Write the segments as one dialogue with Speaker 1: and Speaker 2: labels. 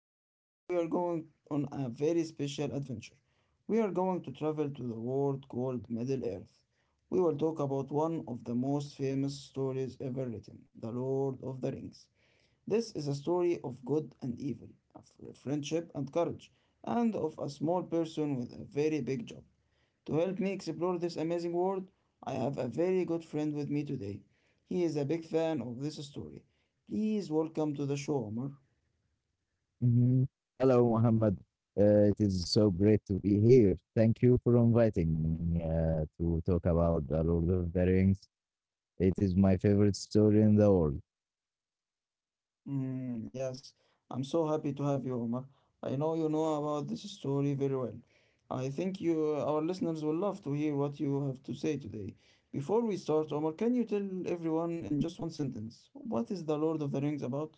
Speaker 1: and today we are going on a very special adventure. We are going to travel to the world called Middle Earth. We will talk about one of the most famous stories ever written, The Lord of the Rings. This is a story of good and evil, of friendship and courage, and of a small person with a very big job. To help me explore this amazing world, I have a very good friend with me today. He is a big fan of this story. Please welcome to the show, Omar.
Speaker 2: Mhm. Hello, Mohammed. It is so great to be here. Thank you for inviting me to talk about The Lord of the Rings. It is my favorite story in the world.
Speaker 1: Mm, yes, I'm so happy to have you, Omar. I know you know about this story very well. I think you, our listeners, will love to hear what you have to say today. Before we start, Omar, can you tell everyone in just one sentence what is the Lord of the Rings about?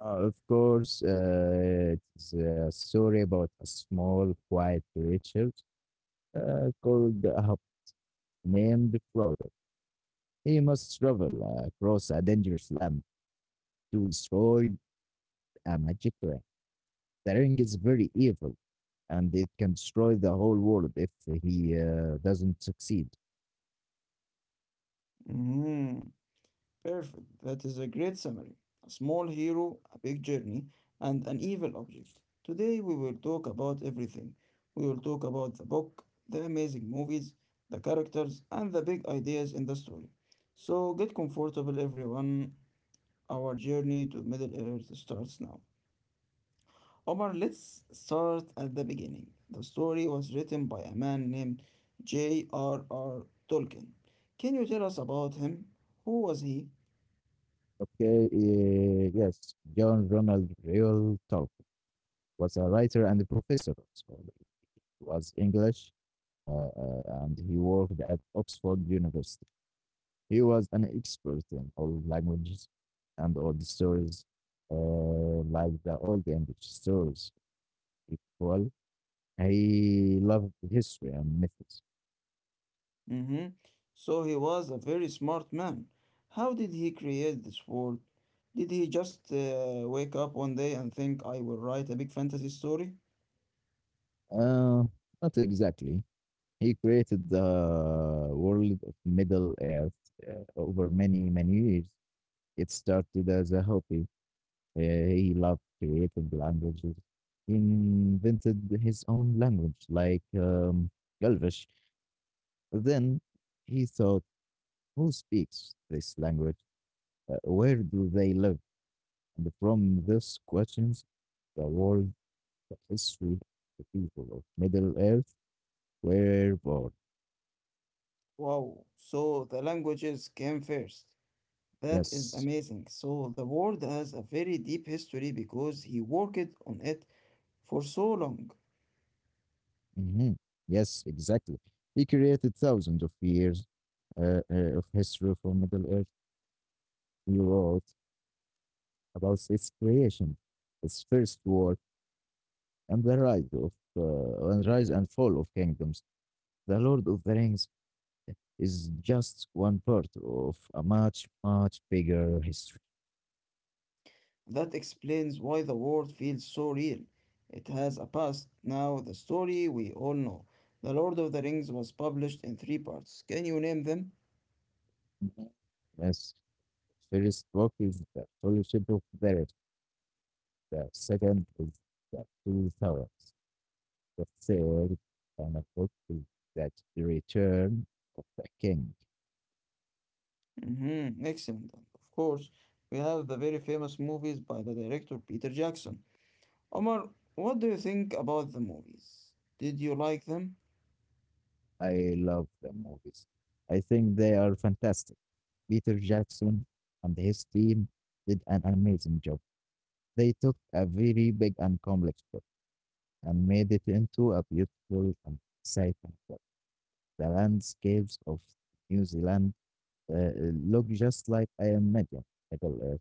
Speaker 2: Of course, it's a story about a small, quiet creature called Ahab, named Frodo. He must travel across a dangerous land to destroy a magic ring. The ring is very evil and it can destroy the whole world if he doesn't succeed.
Speaker 1: Hmm. Perfect. That is a great summary. A small hero, a big journey, and an evil object. Today we will talk about everything. We will talk about the book, the amazing movies, the characters, and the big ideas in the story. So get comfortable, everyone. Our journey to Middle Earth starts now. Omar, let's start at the beginning. The story was written by a man named J.R.R. Tolkien. Can you tell us about him? Who was he?
Speaker 2: Okay, yes, John Ronald Reuel Tolkien was a writer and a professor. So he was English, and he worked at Oxford University. He was an expert in all languages and old stories, like the old English stories. Equal. He loved history and myths.
Speaker 1: Mm-hmm. So he was a very smart man. How did he create this world? Did he just wake up one day and think, I will write a big fantasy story?
Speaker 2: Uh, Not exactly. He created the world of Middle Earth over many, many years. It started as a hobby. He loved creating languages. He invented his own language, like Galvish. Then he thought, who speaks this language? Where do they live? And from these questions, the world, the history, the people of Middle Earth were born.
Speaker 1: Wow, so the languages came first. That is
Speaker 2: Yes.
Speaker 1: amazing. So the world has a very deep history because he worked on it for so long.
Speaker 2: Mhm. Yes, exactly. He created thousands of years of history for Middle Earth. He wrote about its creation, its first war, and the rise and fall of kingdoms. The Lord of the Rings is just one part of a much bigger history.
Speaker 1: That explains why the world feels so real. It has a past. Now, the story we all know. The Lord of the Rings was published in three parts. Can you name them?
Speaker 2: Mhm. Yes, first book is the Fellowship of the Ring. The second is the Two Towers. The field on a book that The Return of the King.
Speaker 1: Mm-hmm. Excellent. And of course, we have the very famous movies by the director Peter Jackson. Omar, what do you think about the movies? Did you like them?
Speaker 2: I love the movies. I think they are fantastic. Peter Jackson and his team did an amazing job. They took a very big and complex book and made it into a beautiful and exciting book. The landscapes of New Zealand uh, look just like I imagine Middle Earth.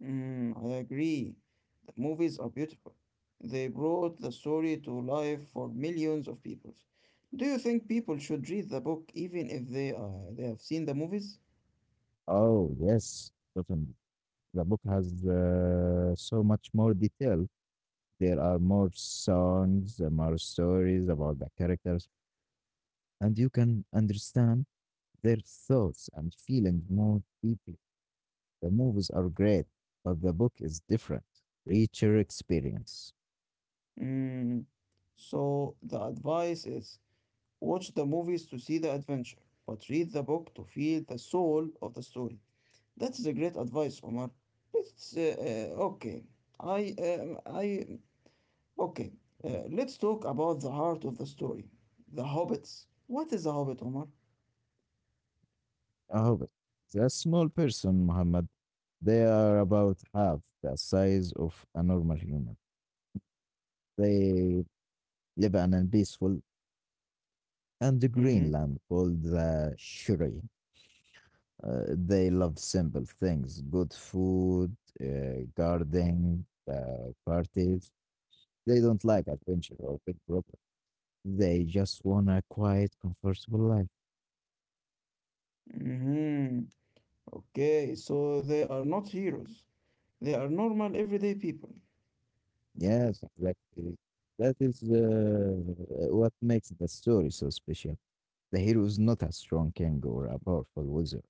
Speaker 1: Mm, I agree. The movies are beautiful. They brought the story to life for millions of people. Do you think people should read the book even if they have seen the movies?
Speaker 2: Oh yes, definitely. The book has so much more detail. There are more songs, there more stories about the characters, and you can understand their thoughts and feelings more deeply. The movies are great, but the book is different, richer experience.
Speaker 1: Mm. So the advice is watch the movies to see the adventure, but read the book to feel the soul of the story. That is a great advice, Omar. Let's okay. I I okay. Let's talk about the heart of the story, the hobbits. What is a hobbit, Omar?
Speaker 2: I hope it. The small person, Muhammad, they are about half the size of a normal human. They live in a peaceful and green
Speaker 1: Mm-hmm.
Speaker 2: land called the Shuri. They love simple things, good food, gardening, parties. They don't like adventure or big problems. They just want a quiet, comfortable life.
Speaker 1: Mm-hmm. Okay, so they are not heroes. They are normal, everyday people.
Speaker 2: Yes, exactly. That is what makes the story so special. The hero is not a strong king or a powerful wizard.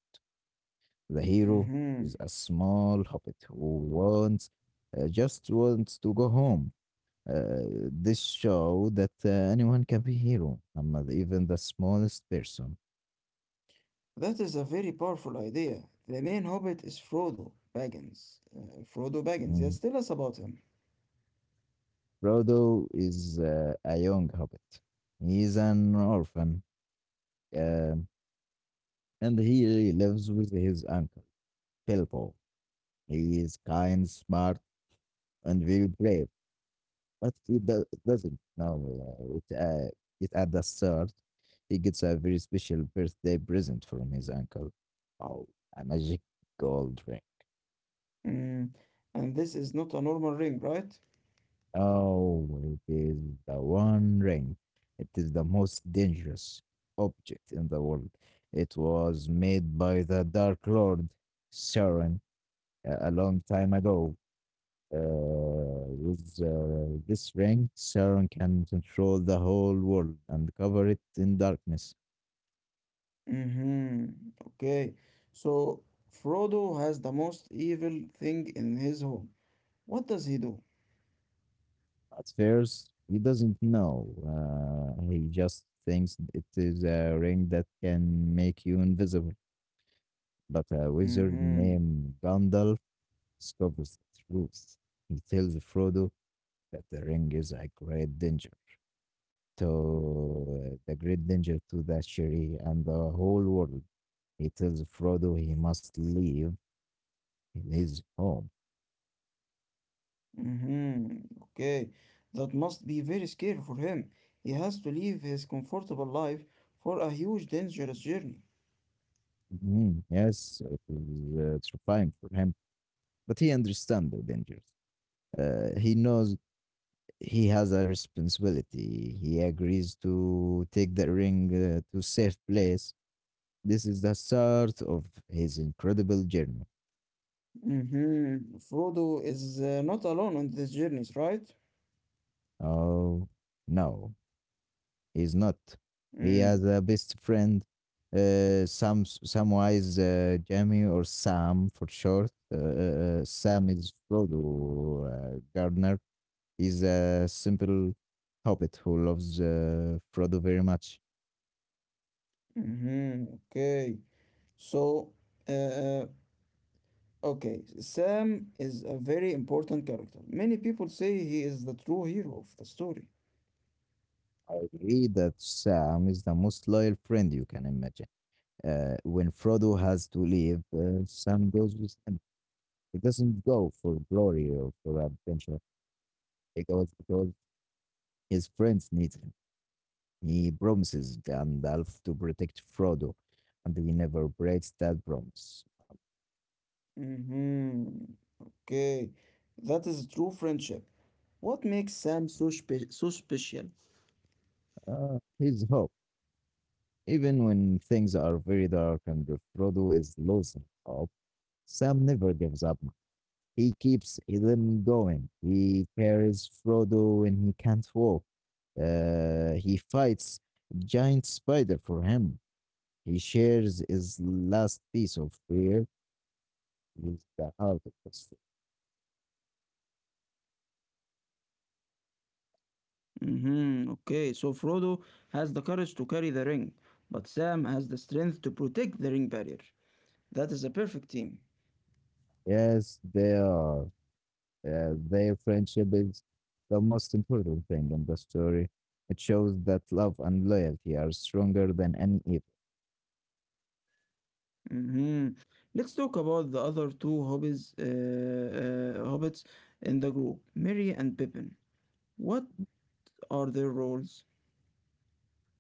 Speaker 2: The hero
Speaker 1: Mm-hmm.
Speaker 2: is a small hobbit who just wants to go home. This show that anyone can be hero, Ahmad, even the smallest person.
Speaker 1: That is a very powerful idea. The main hobbit is Frodo Baggins. Frodo Baggins.
Speaker 2: Mm.
Speaker 1: Yes, tell us about him.
Speaker 2: Frodo is a young hobbit. He's an orphan, um, and he lives with his uncle, Bilbo. He is kind, smart, and very brave, but he doesn't know uh, it, uh, it at the start. He gets a very special birthday present from his uncle. Oh, a magic gold ring.
Speaker 1: Mm. And this is not a normal ring, right?
Speaker 2: Oh, it is the One Ring. It is the most dangerous object in the world. It was made by the Dark Lord Sauron a long time ago. With this ring, Sauron can control the whole world and cover it in darkness.
Speaker 1: Mm-hmm. Okay. So Frodo has the most evil thing in his home. What does he do?
Speaker 2: At first, he doesn't know. He just thinks it is a ring that can make you invisible. But a wizard
Speaker 1: Mm-hmm.
Speaker 2: named Gandalf discovers the truth. He tells Frodo that the ring is a great danger to the great danger to the Shiri and the whole world. He tells Frodo he must leave his home.
Speaker 1: Mm-hmm. Okay. That must be very scary for him. He has to leave his comfortable life for a huge dangerous journey.
Speaker 2: Mhm, yes, it is terrifying for him, but he understands the dangers. He knows he has a responsibility. He agrees to take the ring to safe place. This is the start of his incredible journey.
Speaker 1: Mm-hmm. Frodo is not alone on these journeys, right?
Speaker 2: Oh, no, he's not. He
Speaker 1: Mm-hmm.
Speaker 2: has a best friend, some some wise Jamie or Sam for short. Sam is Frodo Gardner. He's a simple hobbit who loves Frodo very much.
Speaker 1: Okay. So, uh, uh, Okay, Sam is a very important character. Many people say he is the true hero of the story.
Speaker 2: I agree that Sam is the most loyal friend you can imagine. When Frodo has to leave, Sam goes with him. He doesn't go for glory or for adventure. He goes because his friends need him. He promises Gandalf to protect Frodo, and he never breaks that promise.
Speaker 1: Mm-hmm. Okay, that is true friendship. What makes Sam so special?
Speaker 2: His hope. Even when things are very dark and Frodo is losing hope, Sam never gives up. He keeps them going. He carries Frodo when he can't walk. He fights giant spider for him. He shares his last piece of fear with the heart of his.
Speaker 1: Mm-hmm. Okay, so Frodo has the courage to carry the ring, but Sam has the strength to protect the ring barrier. That is a perfect team.
Speaker 2: Yes, they are. Their friendship is the most important thing in the story. It shows that love and loyalty are stronger than any evil.
Speaker 1: Mm-hmm. Let's talk about the other two hobbits in the group, Merry and Pippin. What are their roles?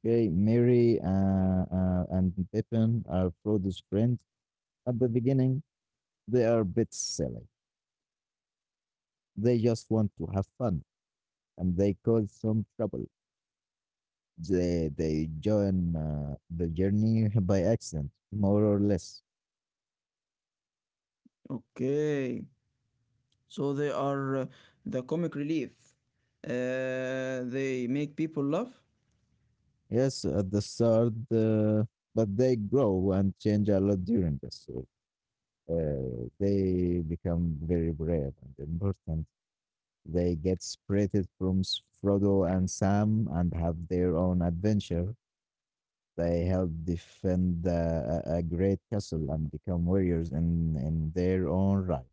Speaker 2: Okay, Mary and Pippin are Frodo's friends. At the beginning, they are a bit silly. They just want to have fun, and they cause some trouble. They join the journey by accident, more or less.
Speaker 1: Okay, so they are the comic relief. They make people laugh.
Speaker 2: Yes, at the start, but they grow and change a lot during the story. They become very brave and important. They get separated from Frodo and Sam and have their own adventure. They help defend a great castle and become warriors in their own right.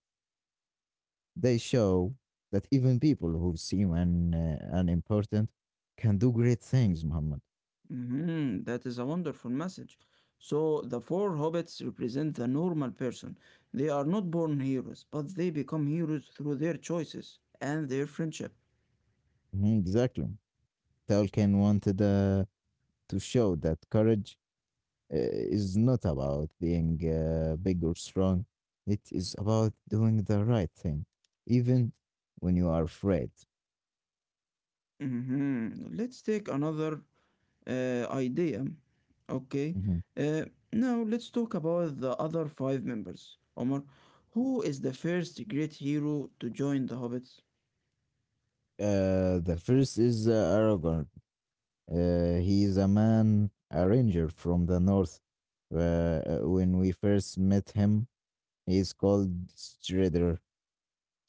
Speaker 2: They show that even people who seem unimportant can do great things, Muhammad.
Speaker 1: Mhm. That is a wonderful message. So the four hobbits represent the normal person. They are not born heroes, but they become heroes through their choices and their friendship.
Speaker 2: Mhm, exactly. Tolkien wanted to show that courage is not about being big or strong. It is about doing the right thing, even when you are afraid.
Speaker 1: Mhm. Let's take another idea. Okay.
Speaker 2: Mhm.
Speaker 1: Uh, Now let's talk about the other five members. Omar, who is the first great hero to join the Hobbits?
Speaker 2: The first is Aragorn. He is a man, a ranger from the north. When we first met him, he is called Strider.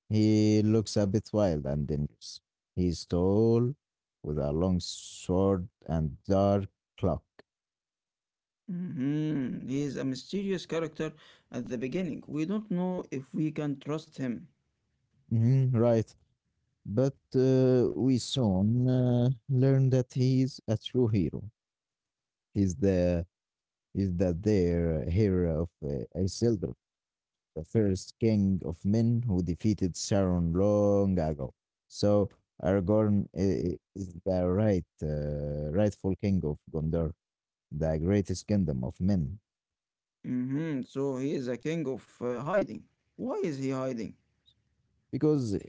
Speaker 2: He looks a bit wild and dangerous. He is tall, with a long sword and dark cloak.
Speaker 1: Mhm. He is a mysterious character at the beginning. We don't know if we can trust him.
Speaker 2: Mhm, right. But we soon learn that he's a true hero. He's the is that their hero of Isildur, the first king of men who defeated Sauron long ago. So Aragorn is the rightful king of Gondor, the greatest kingdom of men,
Speaker 1: Hmm. So he is a king of hiding. Why is he hiding?
Speaker 2: because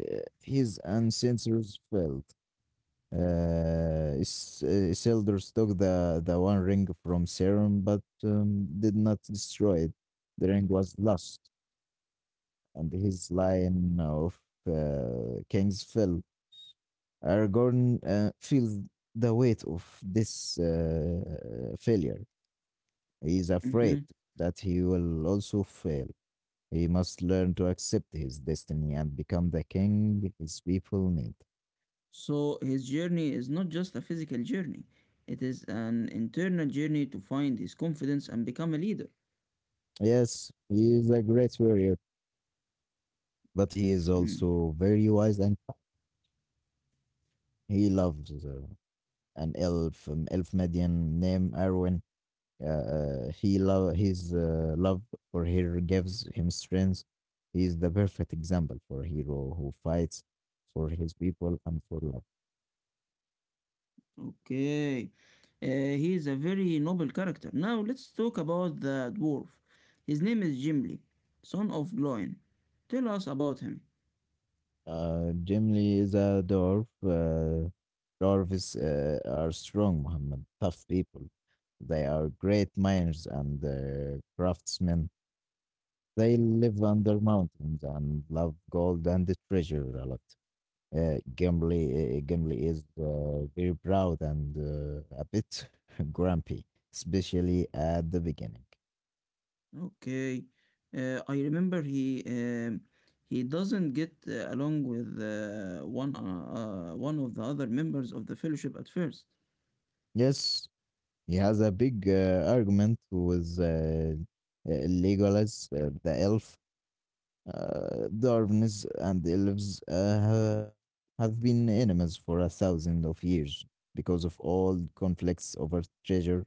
Speaker 2: his ancestors fell. Isildur took the One Ring from Sauron, but did not destroy it. The ring was lost, and his line of kings fell. Aragorn feels the weight of this failure. He is
Speaker 1: Hmm.
Speaker 2: afraid that he will also fail. He must learn to accept his destiny and become the king his people need.
Speaker 1: So his journey is not just a physical journey, it is an internal journey to find his confidence and become a leader.
Speaker 2: Yes, he is a great warrior but he is
Speaker 1: Mm-hmm.
Speaker 2: also very wise and he loves an elf median named Arwen. Uh, he love his love for her gives him strength. He is the perfect example for a hero who fights for his people and for love.
Speaker 1: Okay. Uh, he is a very noble character. Now let's talk about the dwarf. His name is Gimli, son of Gloin. Tell us about him.
Speaker 2: Jimli is a dwarf. Dwarves are strong, Muhammad, tough people. They are great miners and craftsmen. They live under mountains and love gold and the treasure a lot. Gimli is very proud and a bit grumpy, especially at the beginning.
Speaker 1: Okay. I remember he doesn't get along with one of the other members of the fellowship at first.
Speaker 2: Yes, he has a big argument with Legolas, the elf. Dwarves and the elves have been enemies for 1,000 of years because of all conflicts over treasure.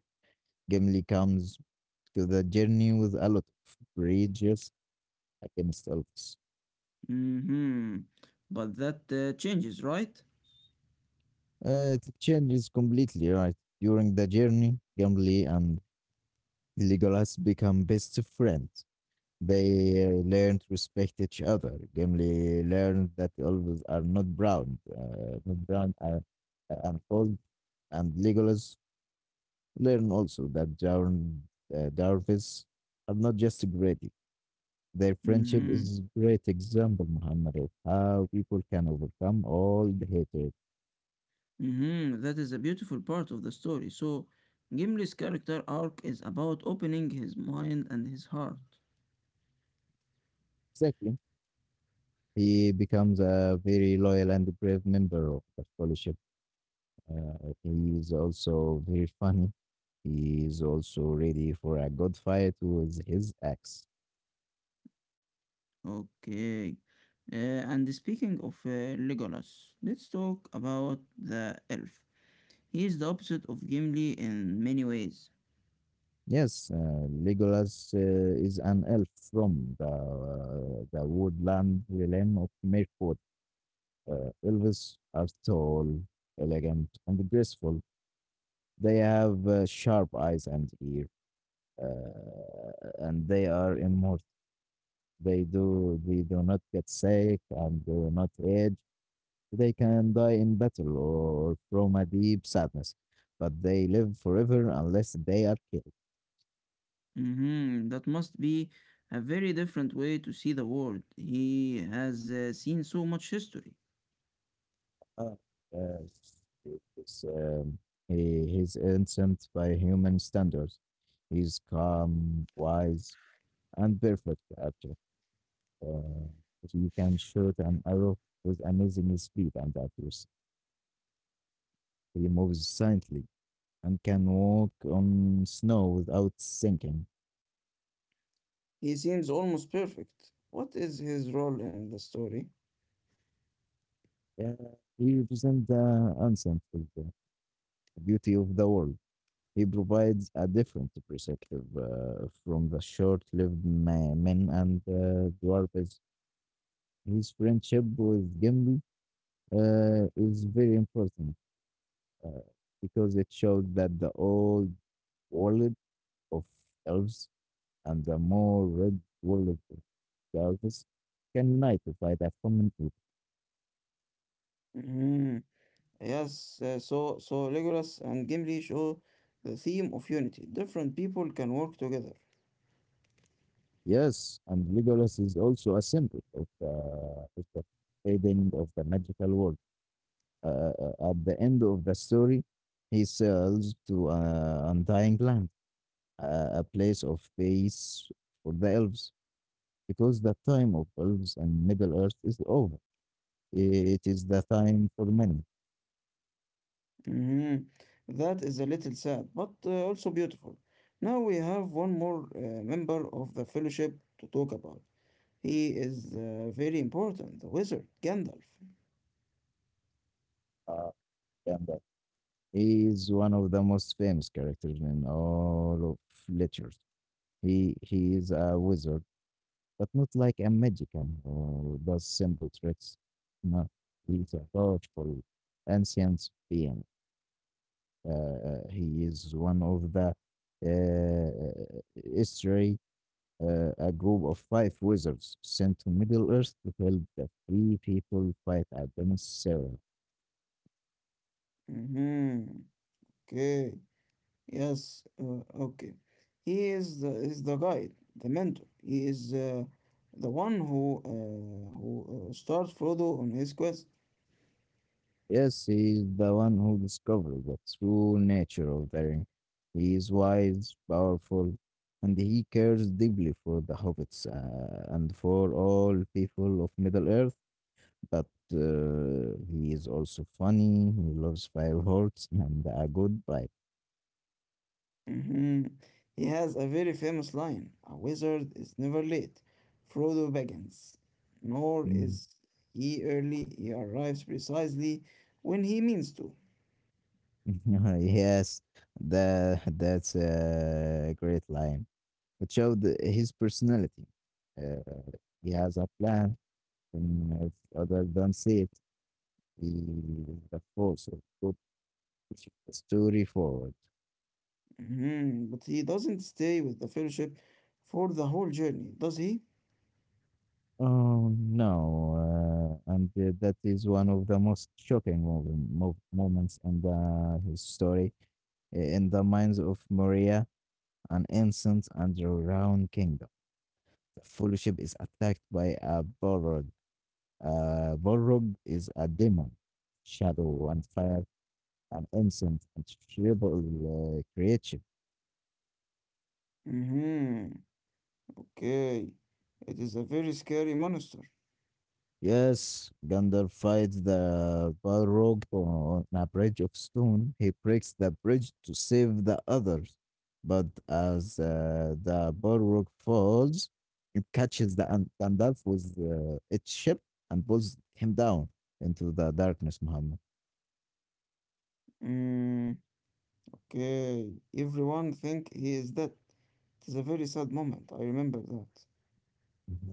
Speaker 2: Gimli comes to the journey with a lot of courageous against elves.
Speaker 1: Mm-hmm. But that changes, right?
Speaker 2: It changes completely, right? During the journey, Gimli and Legolas become best friends. They learn to respect each other. Gimli learned that elves are not brown, and cold, and Legolas learn also that Jarvis are not just great. Their friendship
Speaker 1: Mm-hmm.
Speaker 2: is a great example, Muhammad, of how people can overcome all the hatred.
Speaker 1: Mhm. That is a beautiful part of the story. So, Gimli's character arc is about opening his mind and his heart.
Speaker 2: Exactly. He becomes a very loyal and brave member of the fellowship. He is also very funny. He is also ready for a good fight with his axe.
Speaker 1: Okay. Uh, and speaking of Legolas, let's talk about the elf. He is the opposite of Gimli in many ways.
Speaker 2: Yes, Legolas is an elf from the woodland realm of Mirkwood. Elves are tall, elegant, and graceful. They have sharp eyes and ear, and they are immortal. They do not get sick and do not age. They can die in battle or from a deep sadness, but they live forever unless they are killed.
Speaker 1: Hmm. That must be a very different way to see the world. He has seen so much history.
Speaker 2: Uh, uh, it's, um, he's innocent by human standards. He's calm, wise, and perfect character. Uh, you can shoot an arrow with amazing speed and accuracy. He moves silently and can walk on snow without sinking.
Speaker 1: He seems almost perfect. What is his role in the story?
Speaker 2: Yeah, he represents the ancient wisdom, the beauty of the world. He provides a different perspective from the short-lived men and dwarves. His friendship with Gimli is very important uh, because it shows that the old world of elves and the more red walled service can unite to fight a common evil.
Speaker 1: Yes, so Legolas and Gimli show the theme of unity. Different people can work together.
Speaker 2: Yes, and Legolas is also a symbol of the fading of the magical world. At the end of the story, he sails to Undying Land, a place of peace for the elves, because the time of elves and Middle Earth is over. It is the time for men.
Speaker 1: Mhm. That is a little sad, but also beautiful. Now we have one more member of the Fellowship to talk about. He is very important, the wizard Gandalf.
Speaker 2: Uh, and He is one of the most famous characters in all of literature. He is a wizard, but not like a magician or does simple tricks. No, he is a powerful ancient being. He is one of the history, a group of 5 wizards sent to Middle Earth to help the free people fight against Sauron.
Speaker 1: Mhm. Okay. Yes. Okay. He is the guide, the mentor. He is the one who starts Frodo on his quest.
Speaker 2: Yes, he is the one who discovered the true nature of the ring. He is wise, powerful, and he cares deeply for the hobbits and for all people of Middle Earth. But he is also funny. He loves fireworks and a good pipe.
Speaker 1: Mhm. He has a very famous line: a wizard is never late, Frodo beckons, nor is he early. He arrives precisely when he means to.
Speaker 2: Yes, that's a great line. It showed his personality. Uh, he has a plan, and if others don't see it. The force of good story forward.
Speaker 1: Mhm. But he doesn't stay with the fellowship for the whole journey, does he?
Speaker 2: Oh no, and that is one of the most shocking moments in the his story. In the minds of Maria, an innocent and round kingdom, the fellowship is attacked by a Borog. Borog is a demon, shadow and fire, an innocent and tribal creature.
Speaker 1: Mhm. Okay. It is a very scary monster.
Speaker 2: Yes, Gandalf fights the Balrog on a bridge of stone. He breaks the bridge to save the others. But as the Balrog falls, it catches the Gandalf with its ship and pulls him down into the darkness, Muhammad.
Speaker 1: Mm, okay. Everyone think he is dead. It is a very sad moment. I remember that.
Speaker 2: Mhm.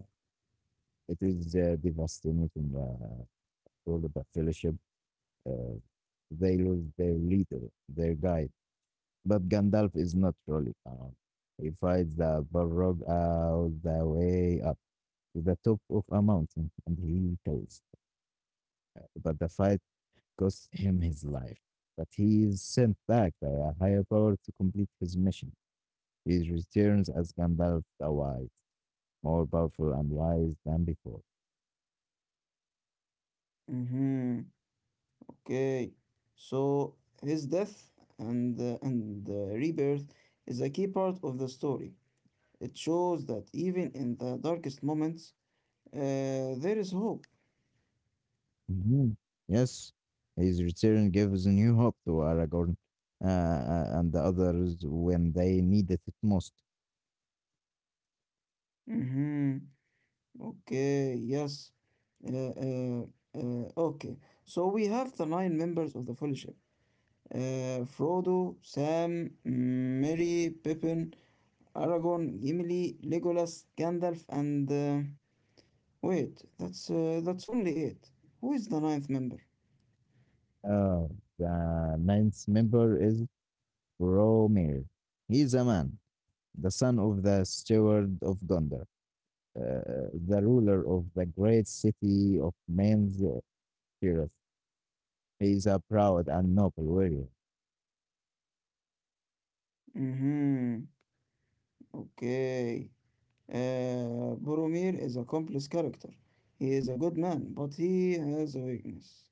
Speaker 2: It is devastating uh, all of the fellowship. Uh, they lose their leader, their guide. But Gandalf is not truly calm. He fights the Balrog all the way up to the top of a mountain and he kills. But the fight costs him his life. But he is sent back by a higher power to complete his mission. He returns as Gandalf the Wise, more powerful and wise than before.
Speaker 1: Mhm. Okay, so his death and rebirth is a key part of the story. It shows that even in the darkest moments, there is hope.
Speaker 2: Mhm. Yes, his return gives new hope to Aragorn and the others when they needed it most.
Speaker 1: Hmm. Okay, yes. Uh, uh, okay, so we have the nine members of the Fellowship: Frodo, Sam, Merry, Pippin, Aragorn, Gimli, Legolas, Gandalf, and wait, that's only eight. Who is the ninth member?
Speaker 2: Oh, the ninth member is Romir. He is a man, the son of the steward of Gondor, uh, the ruler of the great city of Man's Tirith. He is a proud and noble warrior.
Speaker 1: Mm-hmm. Okay. Boromir is a complex character. He is a good man, but he has a weakness.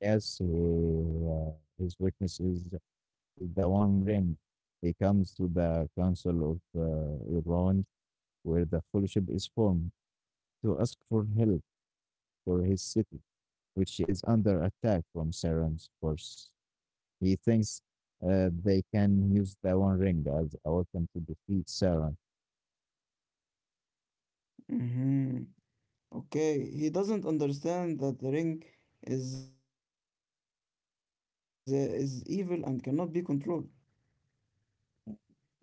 Speaker 2: Yes, his weakness is the one ring. He comes to the council of Elrond, where the fellowship is formed, to ask for help for his city which is under attack from Sauron's force. He thinks they can use the One Ring as a weapon to defeat Sauron,
Speaker 1: Mm-hmm. Okay. He doesn't understand that the ring is evil and cannot be controlled.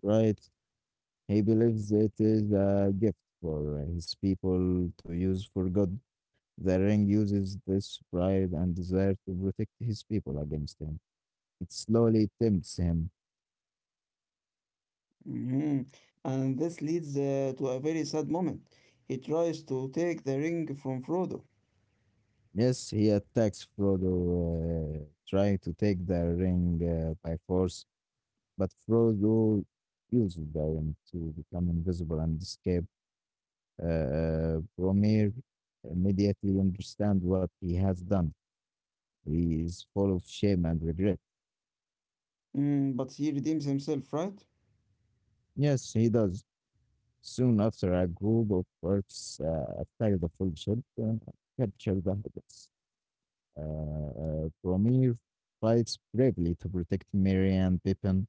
Speaker 2: right? He believes it is a gift for his people to use for good. The ring uses this pride and desire to protect his people against him. It slowly tempts him.
Speaker 1: Mm-hmm. And this leads to a very sad moment. He tries to take the ring from Frodo,
Speaker 2: Yes, he attacks Frodo, trying to take the ring by force, but Frodo uses the ring to become invisible and escape. Bromir immediately understands what he has done. He is full of shame and regret.
Speaker 1: mm, but he redeems himself, right?
Speaker 2: Yes, he does. Soon after, a group of orcs attack the full ship and capture the hobbits. Bromir fights bravely to protect Merry and Pippin.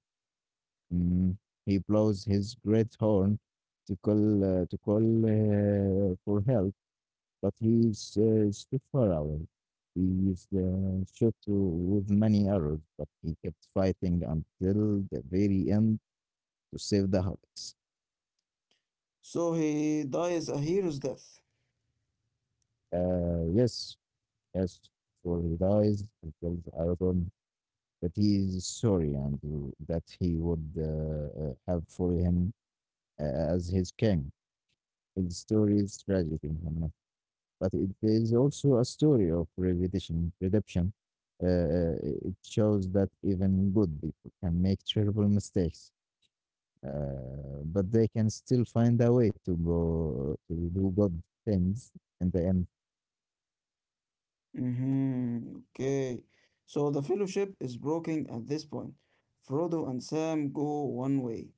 Speaker 2: Mm, he blows his great horn to call for help but he is stood far away. He is the shot to, with many arrows, but he kept fighting until the very end to save the hobbits.
Speaker 1: So he dies a hero's death.
Speaker 2: Uh, yes, yes, for he dies, he tells Aragorn that he is sorry and that he would have for him as his king. His story is tragic in but it is also a story of redemption. Redemption. Uh, uh, it shows that even good people can make terrible mistakes, but they can still find a way to go to do good things in the end.
Speaker 1: Hmm. Okay. So the fellowship is broken at this point. Frodo and Sam go one way,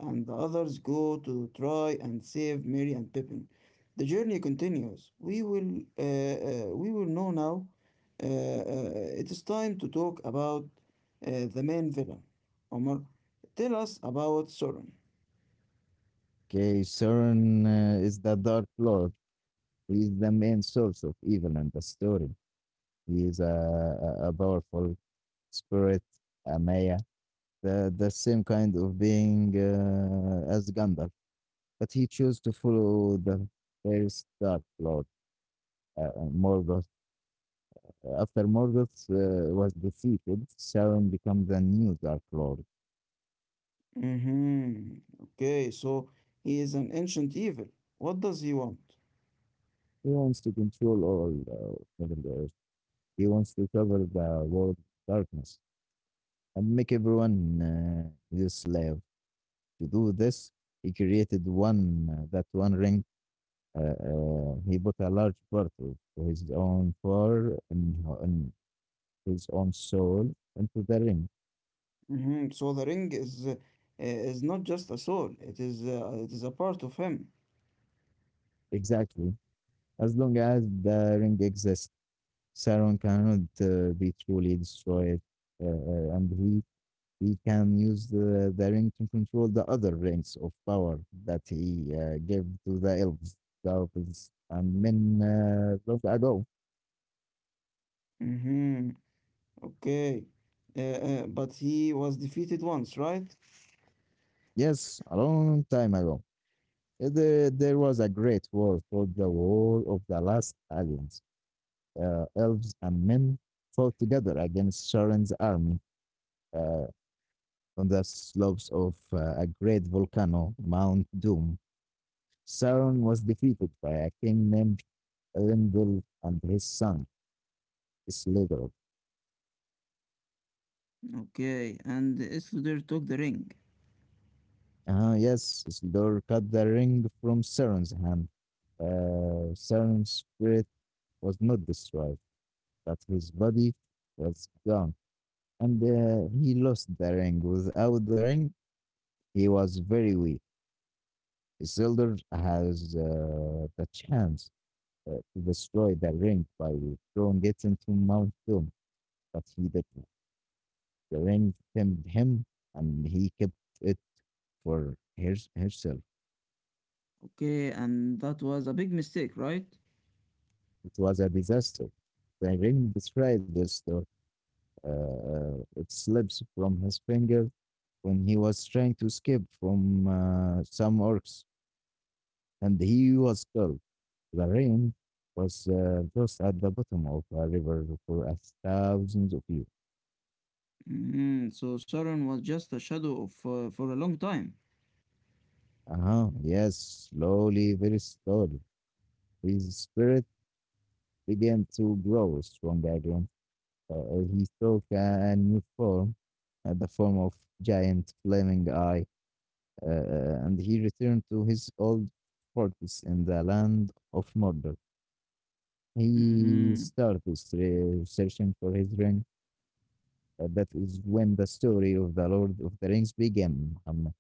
Speaker 1: and the others go to try and save Merry and Pippin. The journey continues. We will know now. It is time to talk about the main villain. Omar, tell us about Sauron.
Speaker 2: Okay, Sauron is the Dark Lord. He is the main source of evil in the story. He is a powerful spirit, a Maya, the same kind of being as Gandalf. But he chose to follow the first Dark Lord. Morgoth. After Morgoth was defeated, Sauron becomes the new Dark Lord.
Speaker 1: Mm-hmm. Okay, so he is an ancient evil. What does he want?
Speaker 2: He wants to control all Middle Earth. He wants to cover the world darkness and make everyone his slave. To do this, he created one that one ring. He bought a large part of his own power and his own soul into the ring.
Speaker 1: Mm-hmm. So the ring is not just a soul. It is a part of him.
Speaker 2: Exactly. As long as the ring exists, Sauron cannot be truly destroyed, and he can use the ring to control the other rings of power that he gave to the elves, and men long ago.
Speaker 1: Mm-hmm. Okay. But he was defeated once, right?
Speaker 2: Yes, a long time ago. There was a great war called the War of the Last Alliance. Elves and men fought together against Sauron's army. Uh, on the slopes of a great volcano, Mount Doom, Sauron was defeated by a king named Elendil and his son, Isildur.
Speaker 1: Okay, and Isildur took the ring.
Speaker 2: Yes, Isildur cut the ring from Sauron's hand. Sauron's spirit was not destroyed, but his body was gone, and he lost the ring. Without the ring, he was very weak. Isildur has the chance to destroy the ring by throwing it into Mount Doom, but he didn't. The ring tempted him, and he kept it for his, herself.
Speaker 1: Okay, and that was a big mistake, right?
Speaker 2: It was a disaster. The ring betrayed the store. It slips from his finger when he was trying to escape from some orcs, and he was killed. The ring was lost at the bottom of a river for a thousands of years.
Speaker 1: Mm-hmm. So Sauron was just a shadow of for a long time.
Speaker 2: Uh-huh. Yes, slowly, very slowly. His spirit began to grow stronger again. He took a new form, the form of giant flaming eye, and he returned to his old fortress in the land of Mordor. He
Speaker 1: Mm-hmm.
Speaker 2: started searching for his ring. That is when the story of the Lord of the Rings began.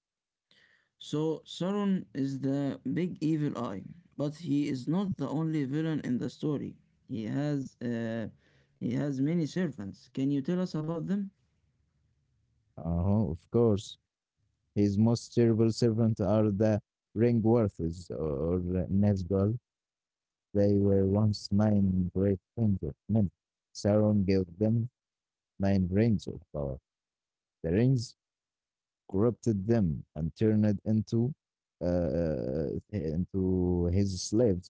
Speaker 1: So Sauron is the big evil eye, but he is not the only villain in the story. He has uh, he has many servants. Can you tell us about them?
Speaker 2: Uh-huh, of course. His most terrible servants are the Ringworths or Nazgul. They were once 9 great kings of men. Sauron gave them 9 rings of power. The rings corrupted them and turned uh, uh, into his slaves.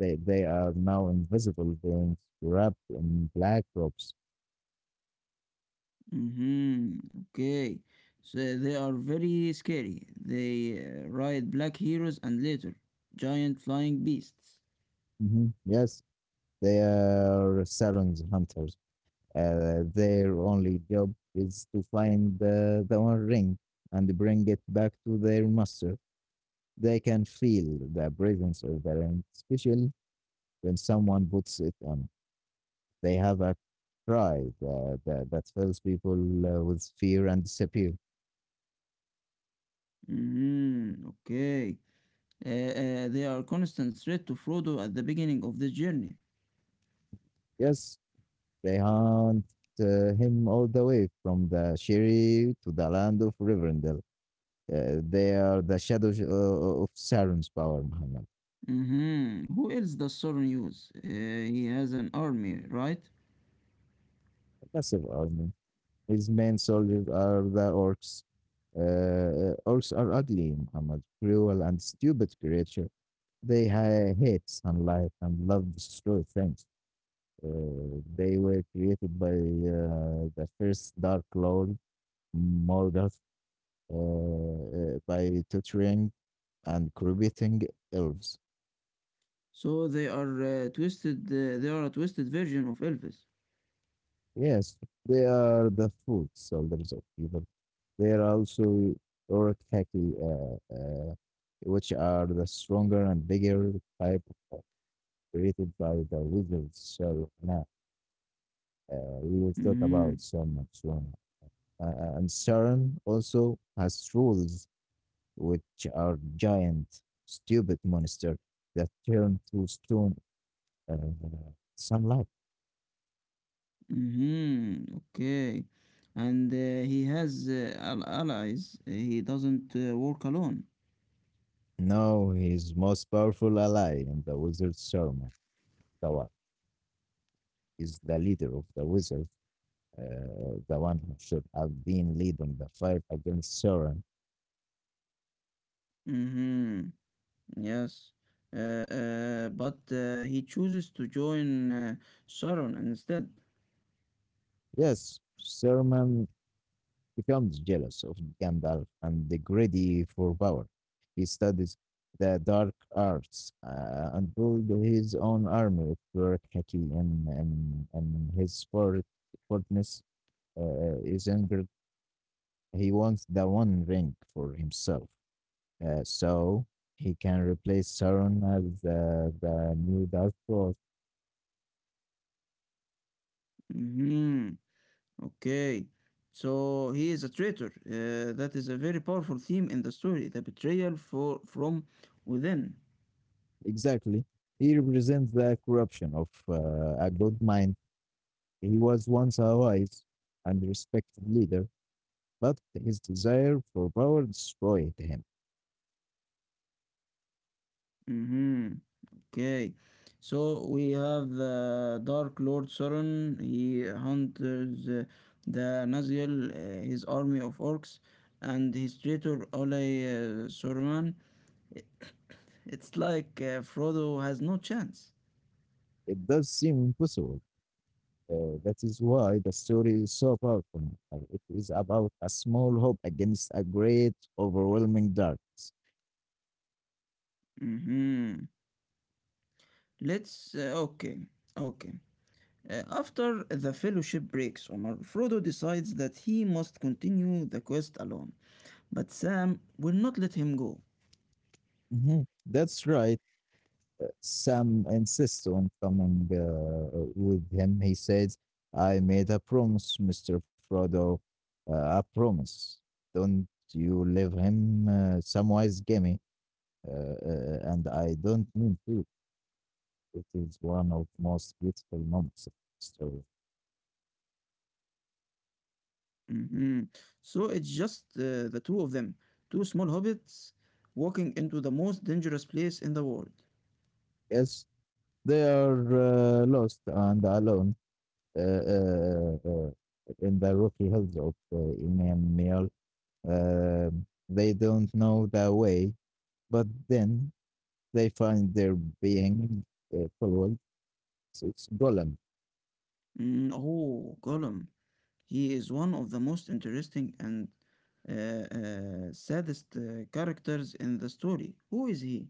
Speaker 2: They are now invisible beings wrapped in black robes.
Speaker 1: Mm-hmm. Okay. So they are very scary. They ride black heroes and later giant flying beasts.
Speaker 2: Mhm. Yes, they are Sauron's hunters. Their only job is to find the One Ring and bring it back to their master. They can feel the presence of the ring, especially when someone puts it on. They have a cry that fills people with fear and disappear.
Speaker 1: Mm-hmm. Okay. They are constant threat to Frodo at the beginning of this journey.
Speaker 2: Yes, they hunt him all the way from the Shiri to the land of Rivendell. They are the shadows of Sauron's power, Muhammad.
Speaker 1: Mm-hmm. Who else does Sauron use? He has an army, right?
Speaker 2: A massive army. His main soldiers are the orcs. Orcs are ugly, Muhammad, cruel and stupid creature. They hate sunlight and love destroy things. They were created by the first Dark Lord, Morgoth, by torturing and corrupting elves.
Speaker 1: So they are twisted. They are a twisted version of Elvis.
Speaker 2: Yes, they are the food soldiers of evil. They are also Orkhaki, which are the stronger and bigger type uh, created by the wizards. So now we will talk
Speaker 1: Mm-hmm.
Speaker 2: about some and Sauron. And Sauron also has trolls, which are giant, stupid monster that turn to stone uh, sunlight.
Speaker 1: Mm-hmm. Okay, and he has allies. He doesn't work alone.
Speaker 2: Now he's most powerful ally in the wizard's sermon. Dawa. Is the leader of the wizards, the one who should have been leading the fight against Sauron.
Speaker 1: Mm-hmm. Yes. But he chooses to join Sharon instead.
Speaker 2: Yes, Saruman becomes jealous of Gandalf and the greedy for power. He studies the dark arts and build his own army of Turak Haki and his fortness is angered. He wants the One Ring for himself. So he can replace Sauron as the new Dark Lord.
Speaker 1: Mm-hmm. Okay. So he is a traitor. That is a very powerful theme in the story. The betrayal for from within.
Speaker 2: Exactly. He represents the corruption of a good mind. He was once a wise and respected leader, but his desire for power destroyed him.
Speaker 1: Mm-hmm. Okay, so we have the Dark Lord Sauron. He hunters the Nazgul, his army of orcs, and his traitor Olay Saruman. It- it's like Frodo has no chance.
Speaker 2: It does seem impossible. That is why the story is so powerful. It is about a small hope against a great, overwhelming darkness.
Speaker 1: Mm-hmm. Let's. Okay, okay. After the fellowship breaks, Omar, Frodo decides that he must continue the quest alone. But Sam will not let him go.
Speaker 2: Mhm. That's right. Sam insists on coming with him. He says, I made a promise, Mr. Frodo. A promise. Don't you leave him Samwise Gamgee. And I don't mean to. It is one of most beautiful moments of the story.
Speaker 1: Hmm. So it's just the two of them, two small hobbits walking into the most dangerous place in the world.
Speaker 2: Yes, they are lost and alone uh, uh, uh, in the rocky hills of Imam Meal. They don't know the way but then they find their being followed. So it's Gollum.
Speaker 1: Mm, oh, Gollum. He is one of the most interesting and saddest characters in the story. Who is he?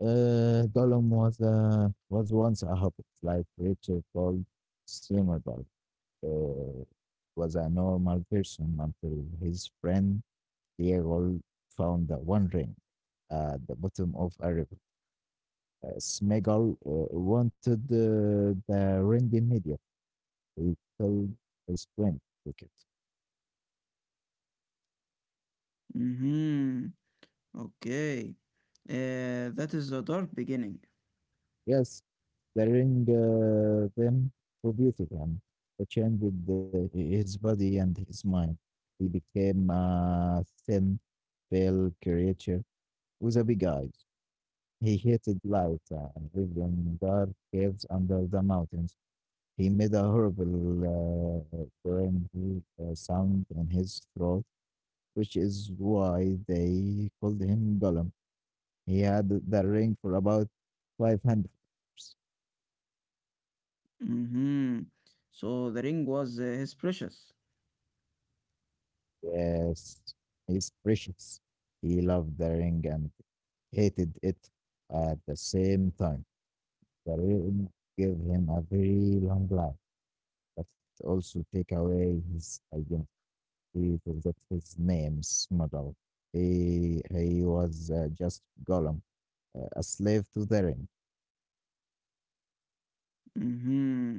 Speaker 2: Gollum was once a hobbit, like Richard called Simmerberg. Uh, was a normal person until his friend Diego found the One Ring at the bottom of a river. Smeagol wanted the ring immediately. He told his friend, Wicket.
Speaker 1: Mm-hmm. Okay. That is a dark beginning.
Speaker 2: Yes, burying them refuted him. It changed his body and his mind. He became a thin, pale creature with a big eyes. He hated light and lived in dark caves under the mountains. He made a horrible grinding, sound in his throat, which is why they called him Gollum. He had the ring for about 500 years.
Speaker 1: Mm-hmm. So the ring was his precious.
Speaker 2: Yes, he's precious. He loved the ring and hated it at the same time. The ring gave him a very long life, but it also take away his identity. He forgot his name's model. He was just Gollum, a slave to the ring.
Speaker 1: Mm-hmm.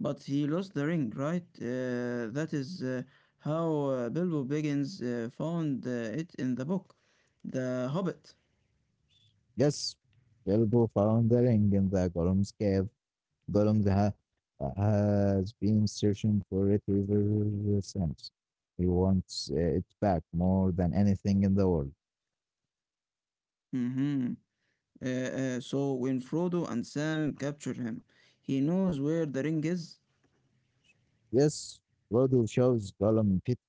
Speaker 1: But he lost the ring, right? That is how Bilbo Baggins found it in the book, The Hobbit.
Speaker 2: Yes, Bilbo found the ring in the Gollum's cave. Gollum ha- has been searching for it ever since. He wants it back more than anything in the world.
Speaker 1: Hmm. So when Frodo and Sam capture him, he knows where the ring is.
Speaker 2: Yes, Frodo shows Gollum pity.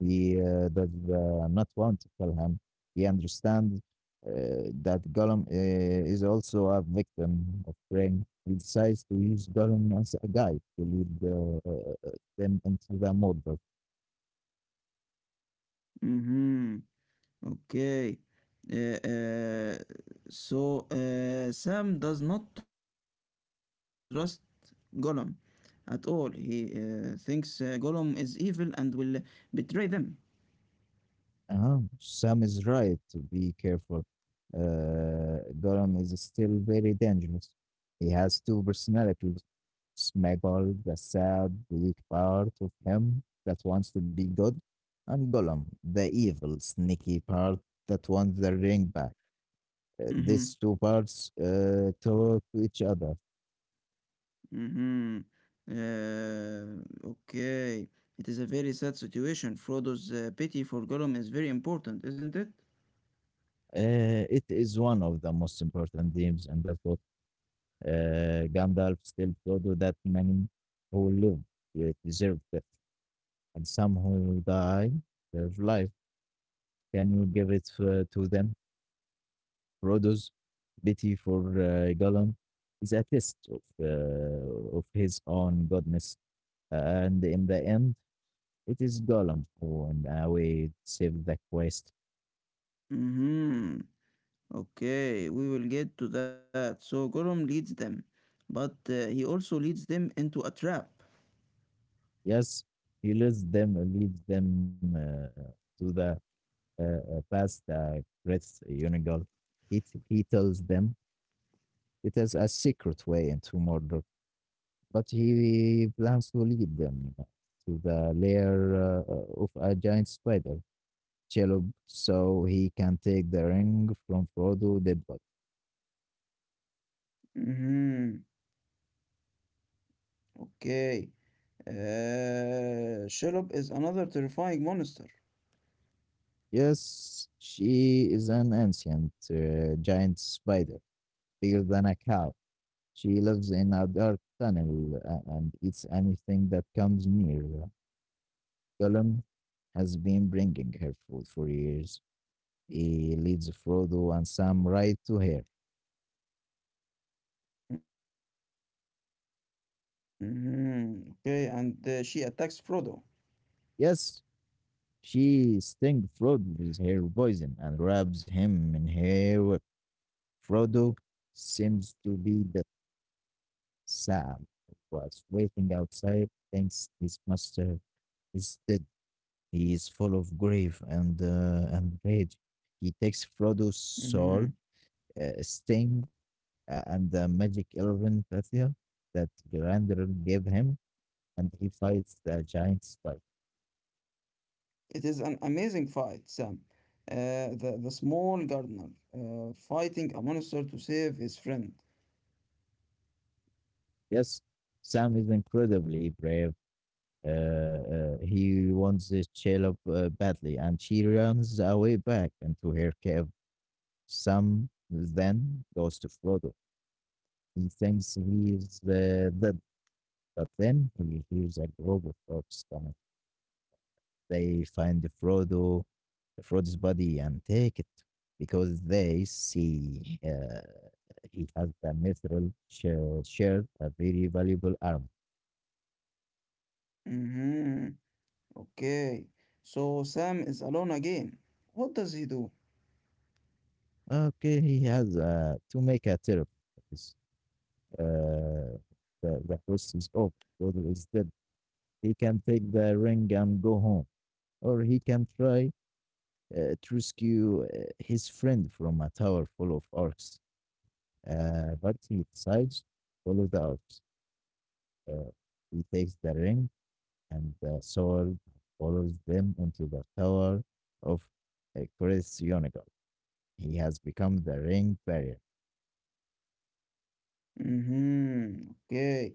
Speaker 2: He does not want to kill him. He understands uh, that Gollum is also a victim of Ring. He decides to use Gollum as a guide to lead them into the murder.
Speaker 1: Hmm. Okay. Uh, uh, Sam does not trust Gollum at all. He thinks Gollum is evil and will betray them.
Speaker 2: Uh-huh. Sam is right to be careful. Gollum is still very dangerous. He has two personalities. Sméagol, the sad, weak part of him that wants to be good, and Gollum, the evil, sneaky part that wants the ring back. These
Speaker 1: Mhm.
Speaker 2: two parts talk to each other.
Speaker 1: Mhm. Okay. It is a very sad situation. Frodo's pity for Gollum is very important, isn't it?
Speaker 2: It is one of the most important themes, and that's what Gandalf still told that many who live deserved, and some who die their life. Can you give it to them? Rhodo's pity for Gollum is a test of his own goodness, and in the end, it is Gollum who, in a way, saved the quest.
Speaker 1: Mm-hmm. Okay, we will get to that. So Gollum leads them, but he also leads them into a trap.
Speaker 2: Yes, he leads them, to the past the great Unigal. He tells them it is a secret way into Mordor. But he plans to lead them to the lair of a giant spider, Shelob, so he can take the ring from Frodo Deadbot.
Speaker 1: Mm-hmm. Okay. Shelob is another terrifying monster.
Speaker 2: Yes, she is an ancient giant spider, bigger than a cow. She lives in a dark tunnel and eats anything that comes near. Gollum has been bringing her food for years. He leads Frodo and Sam right to her.
Speaker 1: Mm-hmm. Okay, and she attacks Frodo.
Speaker 2: Yes, she stings Frodo with her poison and wraps him in her web. Frodo seems to be the Sam, who was waiting outside, thinks his master is dead. He is full of grief and and rage.
Speaker 1: Mm-hmm.
Speaker 2: He takes Frodo's sword, Sting, and the magic elven Pathia that Grandir gave him, and he fights the giant spider.
Speaker 1: It is an amazing fight, Sam. The small gardener fighting a monster to save his friend.
Speaker 2: Yes, Sam is incredibly brave. He wants the Shelob badly, and she runs away back into her cave. Sam then goes to Frodo. He thinks he is dead, but then he hears a group of orcs coming. They find Frodo, Frodo's body, and take it because they see he has the shield, a very valuable arm.
Speaker 1: Mm-hmm. Okay. So Sam is alone again. What does he do?
Speaker 2: Okay, he has to make a therapy. uh, the quest is off, or is dead. He can take the ring and go home, or he can try to rescue his friend from a tower full of orcs. But he decides to follow the orcs. Uh, he takes the ring and the sword, follows them into the tower of Chris Yonigal. He has become the ring barrier.
Speaker 1: Mm-hmm. Okay.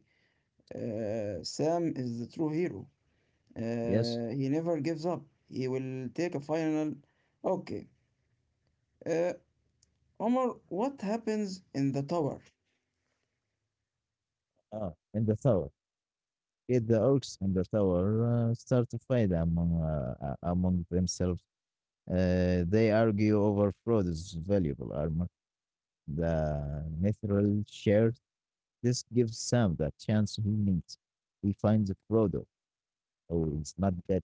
Speaker 1: Sam is the true hero.
Speaker 2: Yes,
Speaker 1: He never gives up. He will take a final. Okay. Uh, Omar, what happens in the tower?
Speaker 2: in the tower. Get the orcs in the tower start to fight among among themselves. They argue over Frodo's valuable armor, the mithril shard. This gives Sam the chance he needs. He finds Frodo, who is not dead,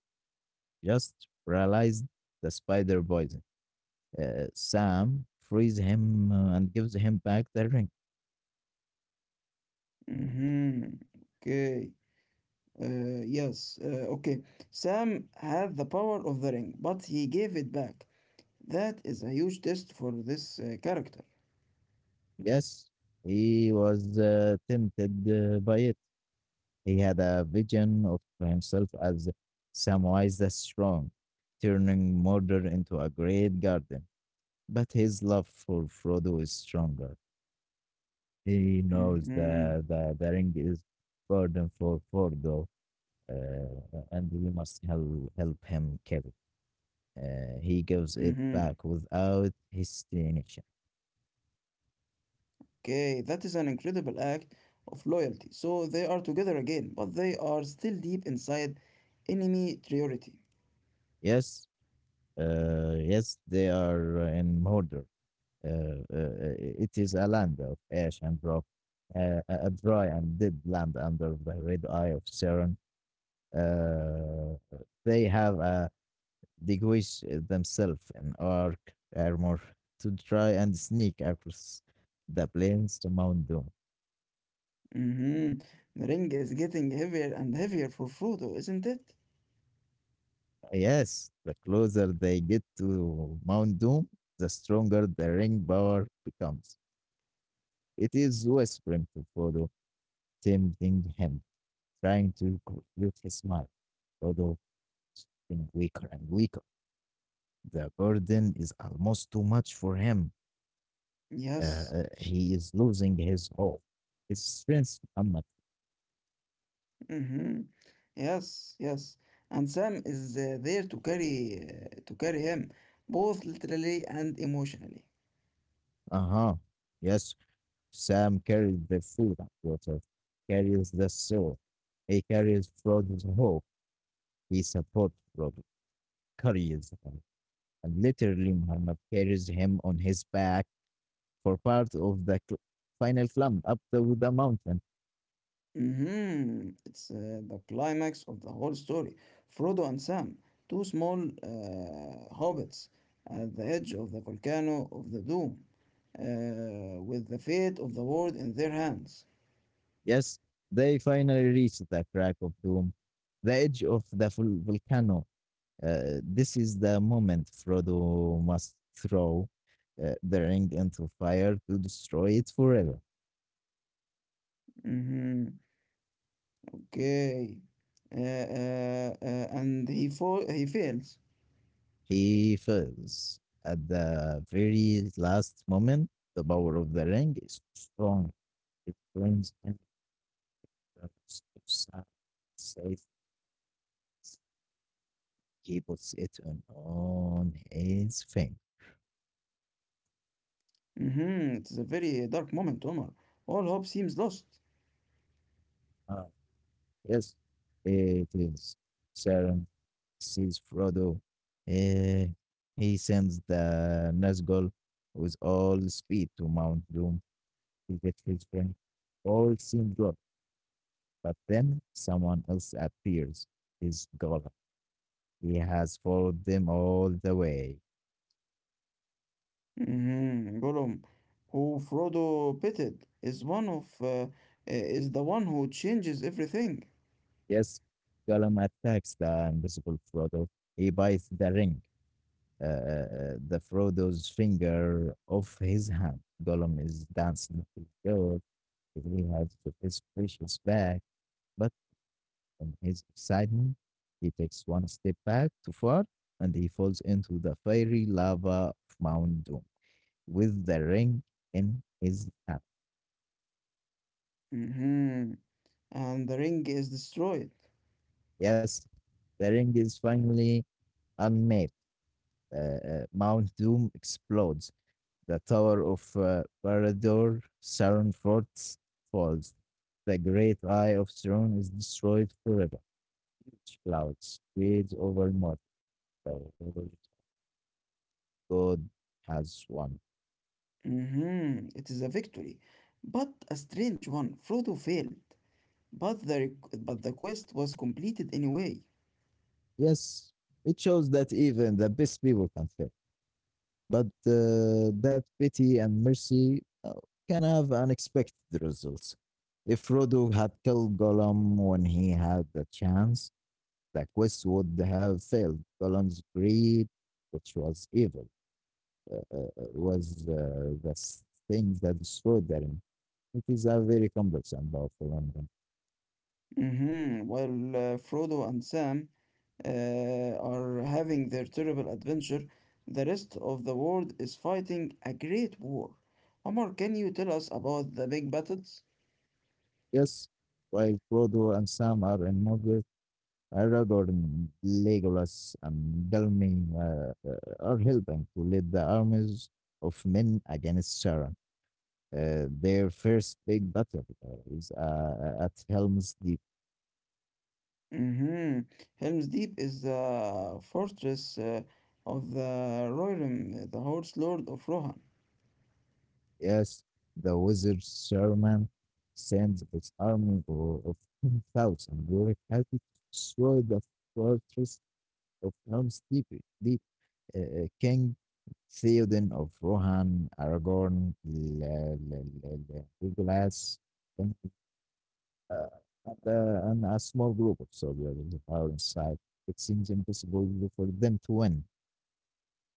Speaker 2: just paralyzed the spider poison. Sam frees him and gives him back the ring.
Speaker 1: Mm-hmm. Okay. Yes. Okay. Sam had the power of the ring, but he gave it back. That is a huge test for this character.
Speaker 2: Yes, he was tempted by it. He had a vision of himself as Samwise the Strong, turning murder into a great garden. But his love for Frodo is stronger. He knows
Speaker 1: Mm-hmm.
Speaker 2: that the ring is burden for Frodo, uh, and we must help him carry.
Speaker 1: Mm-hmm.
Speaker 2: He gives it back without hesitation.
Speaker 1: Okay. That is an incredible act of loyalty. So they are together again, but they are still deep inside enemy territory.
Speaker 2: Yes, yes, they are in murder. It is a land of ash and rock, a dry and dead land under the red eye of Saturn. Uh, they have disguised themselves in arc armor to try and sneak across the plains to Mount Doom.
Speaker 1: Mm-hmm. The ring is getting heavier and heavier for Frodo, isn't it?
Speaker 2: Yes, the closer they get to Mount Doom, the stronger the ring power becomes. It is whispering to Frodo, tempting him, trying to complete his mind. Frodo getting weaker and weaker. The burden is almost too much for him.
Speaker 1: Yes.
Speaker 2: He is losing his hope. His strength, Muhammad.
Speaker 1: Hmm. Yes, yes. And Sam is there to carry him, both literally and emotionally.
Speaker 2: Uh huh. Yes, Sam carries the food and water, carries the soul. He carries Frodo's hope. He supports Frodo, carries him. And literally, Muhammad carries him on his back for part of the final climb up the mountain.
Speaker 1: Hmm. It's the climax of the whole story. Frodo and Sam, two small hobbits at the edge of the volcano of the Doom, with the fate of the world in their hands.
Speaker 2: Yes, they finally reached the crack of doom, the edge of the volcano. This is the moment Frodo must throw the ring into fire to destroy it forever.
Speaker 1: Hmm. Okay. And he fails.
Speaker 2: He fails at the very last moment. The power of the ring is strong. It brings him to safe. He puts it on his finger.
Speaker 1: Mhm, it's a very dark moment, Omar. All hope seems lost.
Speaker 2: Ah, yes, it is. Sarah sees Frodo. Eh, he sends the Nazgul with all speed to Mount Doom to get his ring. All seems good, but then someone else appears. It's Gollum. He has followed them all the way.
Speaker 1: Mhm. Gollum, who Frodo pitied, is the one who changes everything.
Speaker 2: Yes, Gollum attacks the invisible Frodo. He bites the ring, the Frodo's finger off his hand. Gollum is dancing with gold. He has his precious bag, but in his excitement, he takes one step back too far and he falls into the fiery lava of Mount Doom with the ring in his hand.
Speaker 1: Mhm, and the ring is destroyed.
Speaker 2: Yes, the ring is finally unmade. Mount Doom explodes. The tower of Parador, Saron Forts falls. The great eye of Sauron is destroyed forever. Clouds spread over Mordor. The Lord God has won.
Speaker 1: Mhm, it is a victory, but a strange one. Frodo failed, but but the quest was completed anyway.
Speaker 2: Yes, it shows that even the best people can fail, but that pity and mercy can have unexpected results. If Frodo had killed Gollum when he had the chance, the quest would have failed. Gollum's greed, which was evil, uh, uh, uh, was the thing that destroyed the ring. It is a very complex and powerful ending.
Speaker 1: Mm-hmm. While Frodo and Sam are having their terrible adventure, the rest of the world is fighting a great war. Omar, can you tell us about the big battles?
Speaker 2: Yes, while Frodo and Sam are in Aragorn, Legolas, and Belming are helping to lead the armies of men against Sauron. Their first big battle is at Helm's Deep.
Speaker 1: Mm-hmm. Helm's Deep is the fortress of the Rohirrim, the Horse Lord of Rohan.
Speaker 2: Yes, the wizard Saruman sends his army of 10,000 warriors to destroy the fortress of Helm's Deep. Deep King Theoden of Rohan, Aragorn, Legolas, uh, and and a small group of soldiers are inside. It seems impossible for them to win.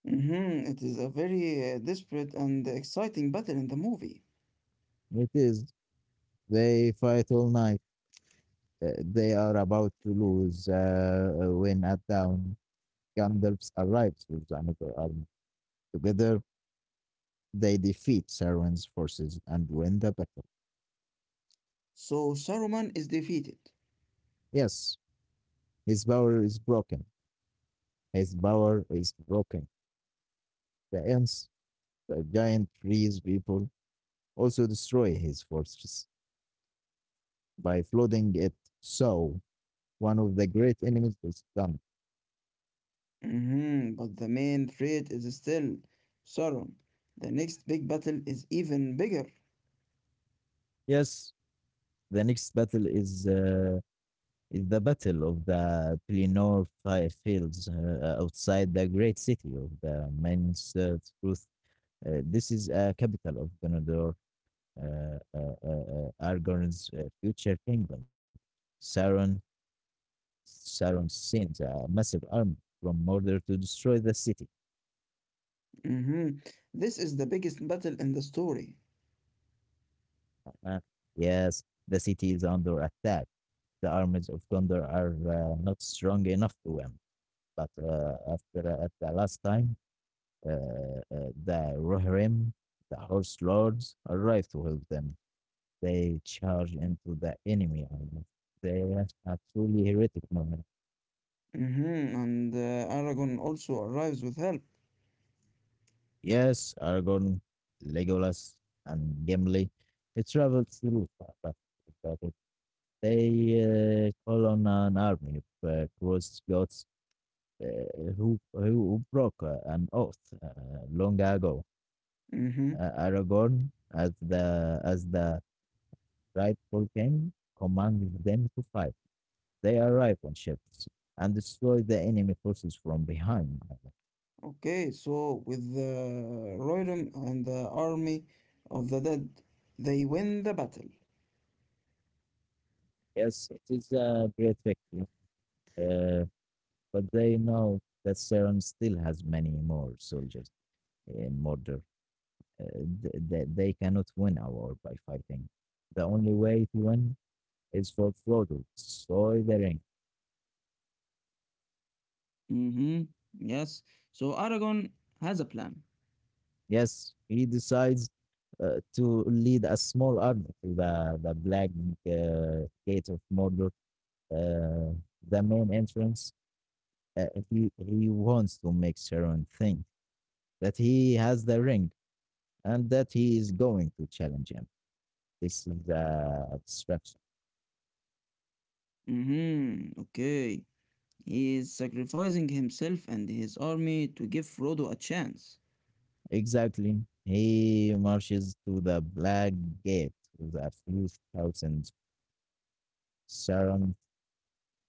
Speaker 1: Mm-hmm. It is a very desperate and exciting battle in the movie.
Speaker 2: It is. They fight all night. They are about to lose when at dawn, Gandalf arrives with another army. Together, they defeat Sauron's forces and win the battle.
Speaker 1: So Saruman is defeated.
Speaker 2: Yes, his power is broken. His power is broken. The ants, the giant trees people, also destroy his fortress by flooding it, so one of the great enemies of Islam.
Speaker 1: Mhm, but the main threat is still Sauron. The next big battle is even bigger.
Speaker 2: Yes, the next battle is the battle of the Pelennor fields outside the great city of the Men's Truth. This is a capital of Gondor, Aragorn's future kingdom. Sauron, Sauron sends a massive army from Mordor to destroy the city.
Speaker 1: Mhm. This is the biggest battle in the story.
Speaker 2: Uh, yes, the city is under attack the armies of Gondor are not strong enough to win. But after at the last time, the Rohirrim, the horse lords, arrived with them. They charged into the enemy army. They were a truly heretic moment.
Speaker 1: Mhm. And Aragorn also arrives with help.
Speaker 2: Yes, Aragorn, Legolas, and Gimli. It traveled through, but but it they call on an army of cross gods, uh, who broke an oath uh, long ago.
Speaker 1: Mhm.
Speaker 2: Aragorn, as the rightful king, commanded them to fight. They arrive on ships and destroy the enemy forces from behind.
Speaker 1: Okay, so with the Rohirrim and the army of the dead, they win the battle.
Speaker 2: Yes, it is a great victory, uh, but they know that Sauron still has many more soldiers in Mordor. They cannot win a war by fighting. The only way to win is for Frodo to destroy the ring.
Speaker 1: Mhm. Yes. So Aragorn has a plan.
Speaker 2: Yes, he decides to lead a small army to the black gate of Mordor, uh, the main entrance. Uh, he wants to make Sauron think that he has the ring and that he is going to challenge him. This is the distraction.
Speaker 1: Mhm. Okay. He is sacrificing himself and his army to give Frodo a chance.
Speaker 2: Exactly. He marches to the black gate with a few thousand. Sauron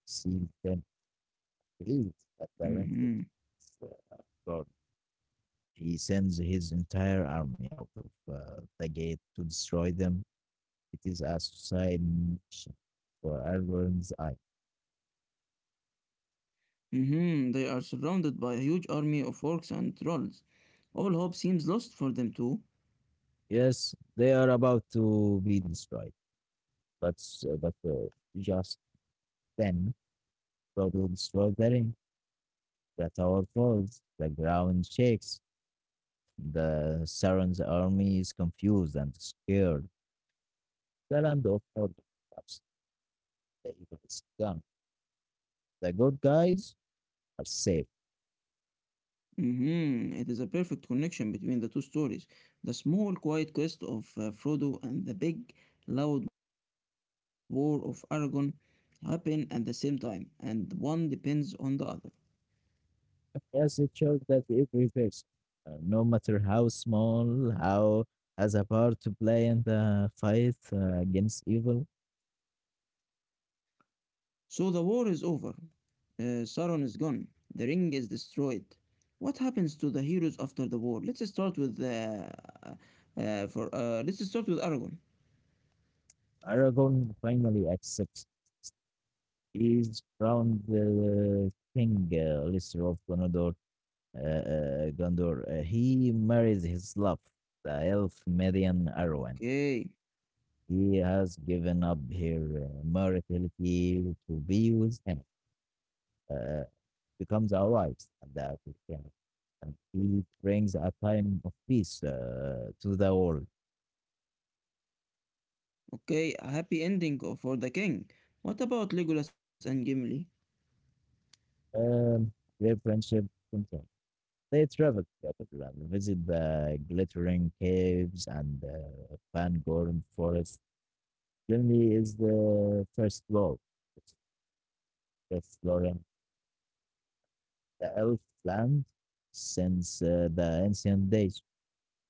Speaker 2: sees them,
Speaker 1: Hmm.
Speaker 2: please, at the ring. It's, uh, God. He sends his entire army out of the gate to destroy them. It is a suicide mission for Aragorn's eye.
Speaker 1: Hmm. They are surrounded by a huge army of orcs and trolls. All hope seems lost for them too.
Speaker 2: Yes, they are about to be destroyed, but just then Frodo will destroy the ring. The tower falls. The ground shakes. The Sauron's army is confused and scared. The land of Mordor collapses. The evil is gone. The good guys are safe.
Speaker 1: Hmm. It is a perfect connection between the two stories. The small quiet quest of Frodo and the big loud war of Aragon happen at the same time and one depends on the other.
Speaker 2: Yes, it shows that every person, no matter how small, how has a part to play in the fight against evil.
Speaker 1: So the war is over. Sauron is gone. The ring is destroyed. What happens to the heroes after the war? Let's start with Aragorn.
Speaker 2: Aragon finally accepts. He's crowned the king, Lister of Gondor. He marries his love, the elf Median Arwen.
Speaker 1: Okay,
Speaker 2: He has given up her mortality to be with him, uh, becomes our wives. And it brings a time of peace to the world.
Speaker 1: okay, a happy ending for the king. What about Legolas and Gimli?
Speaker 2: Um, their friendship continued. They traveled to capital and visit the glittering caves and Van Gorn forest. Germany is the first world exploring the elf land since the ancient days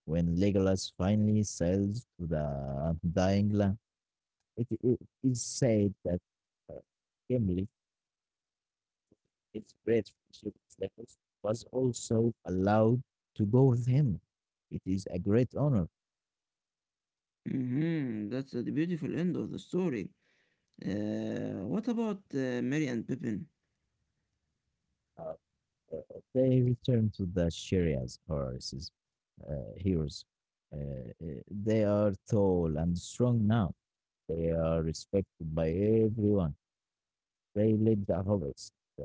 Speaker 2: when Legolas finally sails to the dying land. It is said that uh, Gimli his great friendship with Nichols was also allowed to go with him. It is a great honor.
Speaker 1: Mm-hmm, that's the beautiful end of the story. What about Merry and Pippin?
Speaker 2: Uh, they return to the Sharia's horses, heroes. Uh, uh, they are tall and strong now. They are respected by everyone. They led the hobbits uh,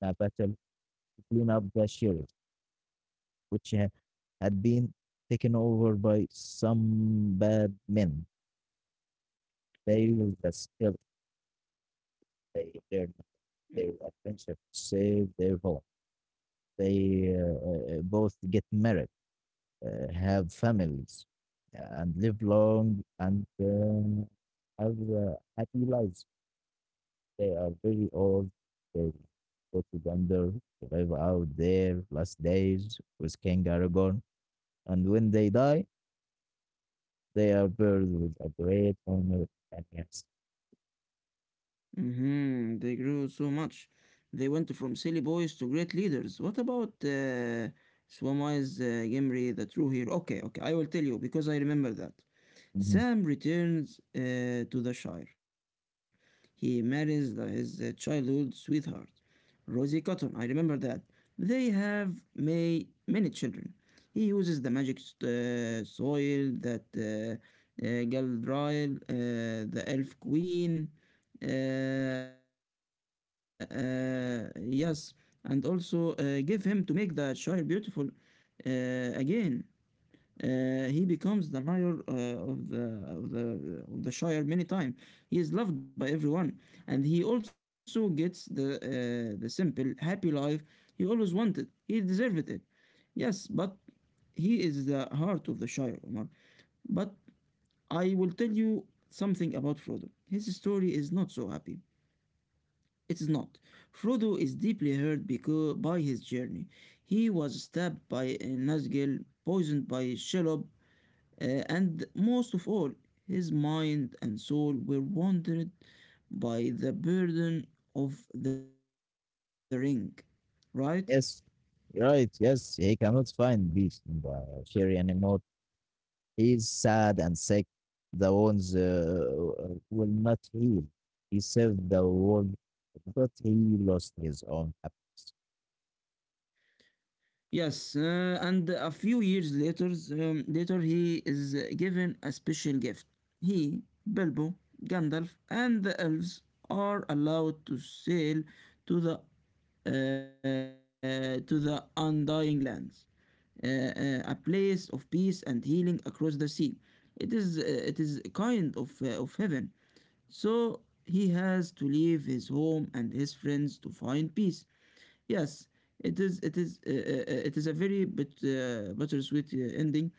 Speaker 2: in a battle to clean up the sheriff, which ha- had been taken over by some bad men. They used the skill they learned their adventure, save their home. They both get married, have families, and live long and have happy lives. They are very old. They go to Gondor, live out their last days with King Aragorn. And when they die, they are buried with a great honor. And yes,
Speaker 1: Hmm. They grew so much. They went from silly boys to great leaders. What about Swami's Gimri, the true hero? Okay, okay, I will tell you because I remember that.
Speaker 2: mhm,
Speaker 1: Sam returns to the Shire. He marries his childhood sweetheart, Rosie Cotton. I remember that. They have may many children. He uses the magic soil that Galadriel, the Elf Queen, uh, uh, yes, and also give him to make the Shire beautiful again. He becomes the mayor of the shire many times. He is loved by everyone, and he also gets the simple happy life he always wanted. He deserved it. Yes, but he is the heart of the shire, Omar. But I will tell you something about Frodo. His story is not so happy. It is not. Frodo is deeply hurt because by his journey. He was stabbed by Nazgul, poisoned by Shelob, and most of all, his mind and soul were wandered by the burden of the ring, right?
Speaker 2: yes, you're right. Yes, he cannot find peace in the Shiri anymore. He's sad and sick. The wounds will not heal. He saved the world, but he lost his own happiness.
Speaker 1: Yes, and a few years later, later he is given a special gift. He, Bilbo, Gandalf, and the elves are allowed to sail to the to the Undying Lands, uh, a place of peace and healing across the sea. It is a kind of heaven. So he has to leave his home and his friends to find peace. Yes, it is a very bittersweet ending.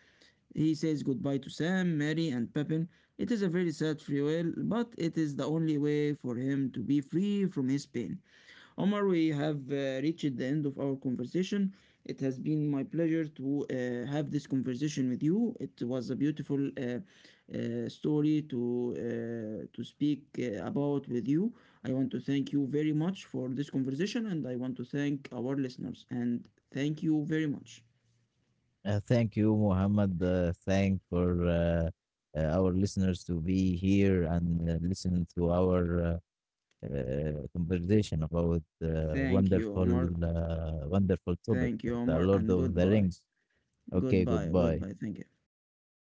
Speaker 1: He says goodbye to Sam, Mary, and Pepin. It is a very sad farewell, but it is the only way for him to be free from his pain. Omar, we have reached the end of our conversation. It has been my pleasure to have this conversation with you. It was a beautiful story to speak about with you. I want to thank you very much for this conversation, and I want to thank our listeners. And thank you very much.
Speaker 2: Thank you, Muhammad. Thank for our listeners to be here and listen to our conversation about
Speaker 1: Thank you, Omar.
Speaker 2: wonderful topic,
Speaker 1: Thank you,
Speaker 2: the
Speaker 1: Omar,
Speaker 2: Lord
Speaker 1: and
Speaker 2: of the Rings.
Speaker 1: goodbye.
Speaker 2: Okay,
Speaker 1: Goodbye.
Speaker 2: goodbye.
Speaker 1: Goodbye. Thank you.
Speaker 2: Goodbye.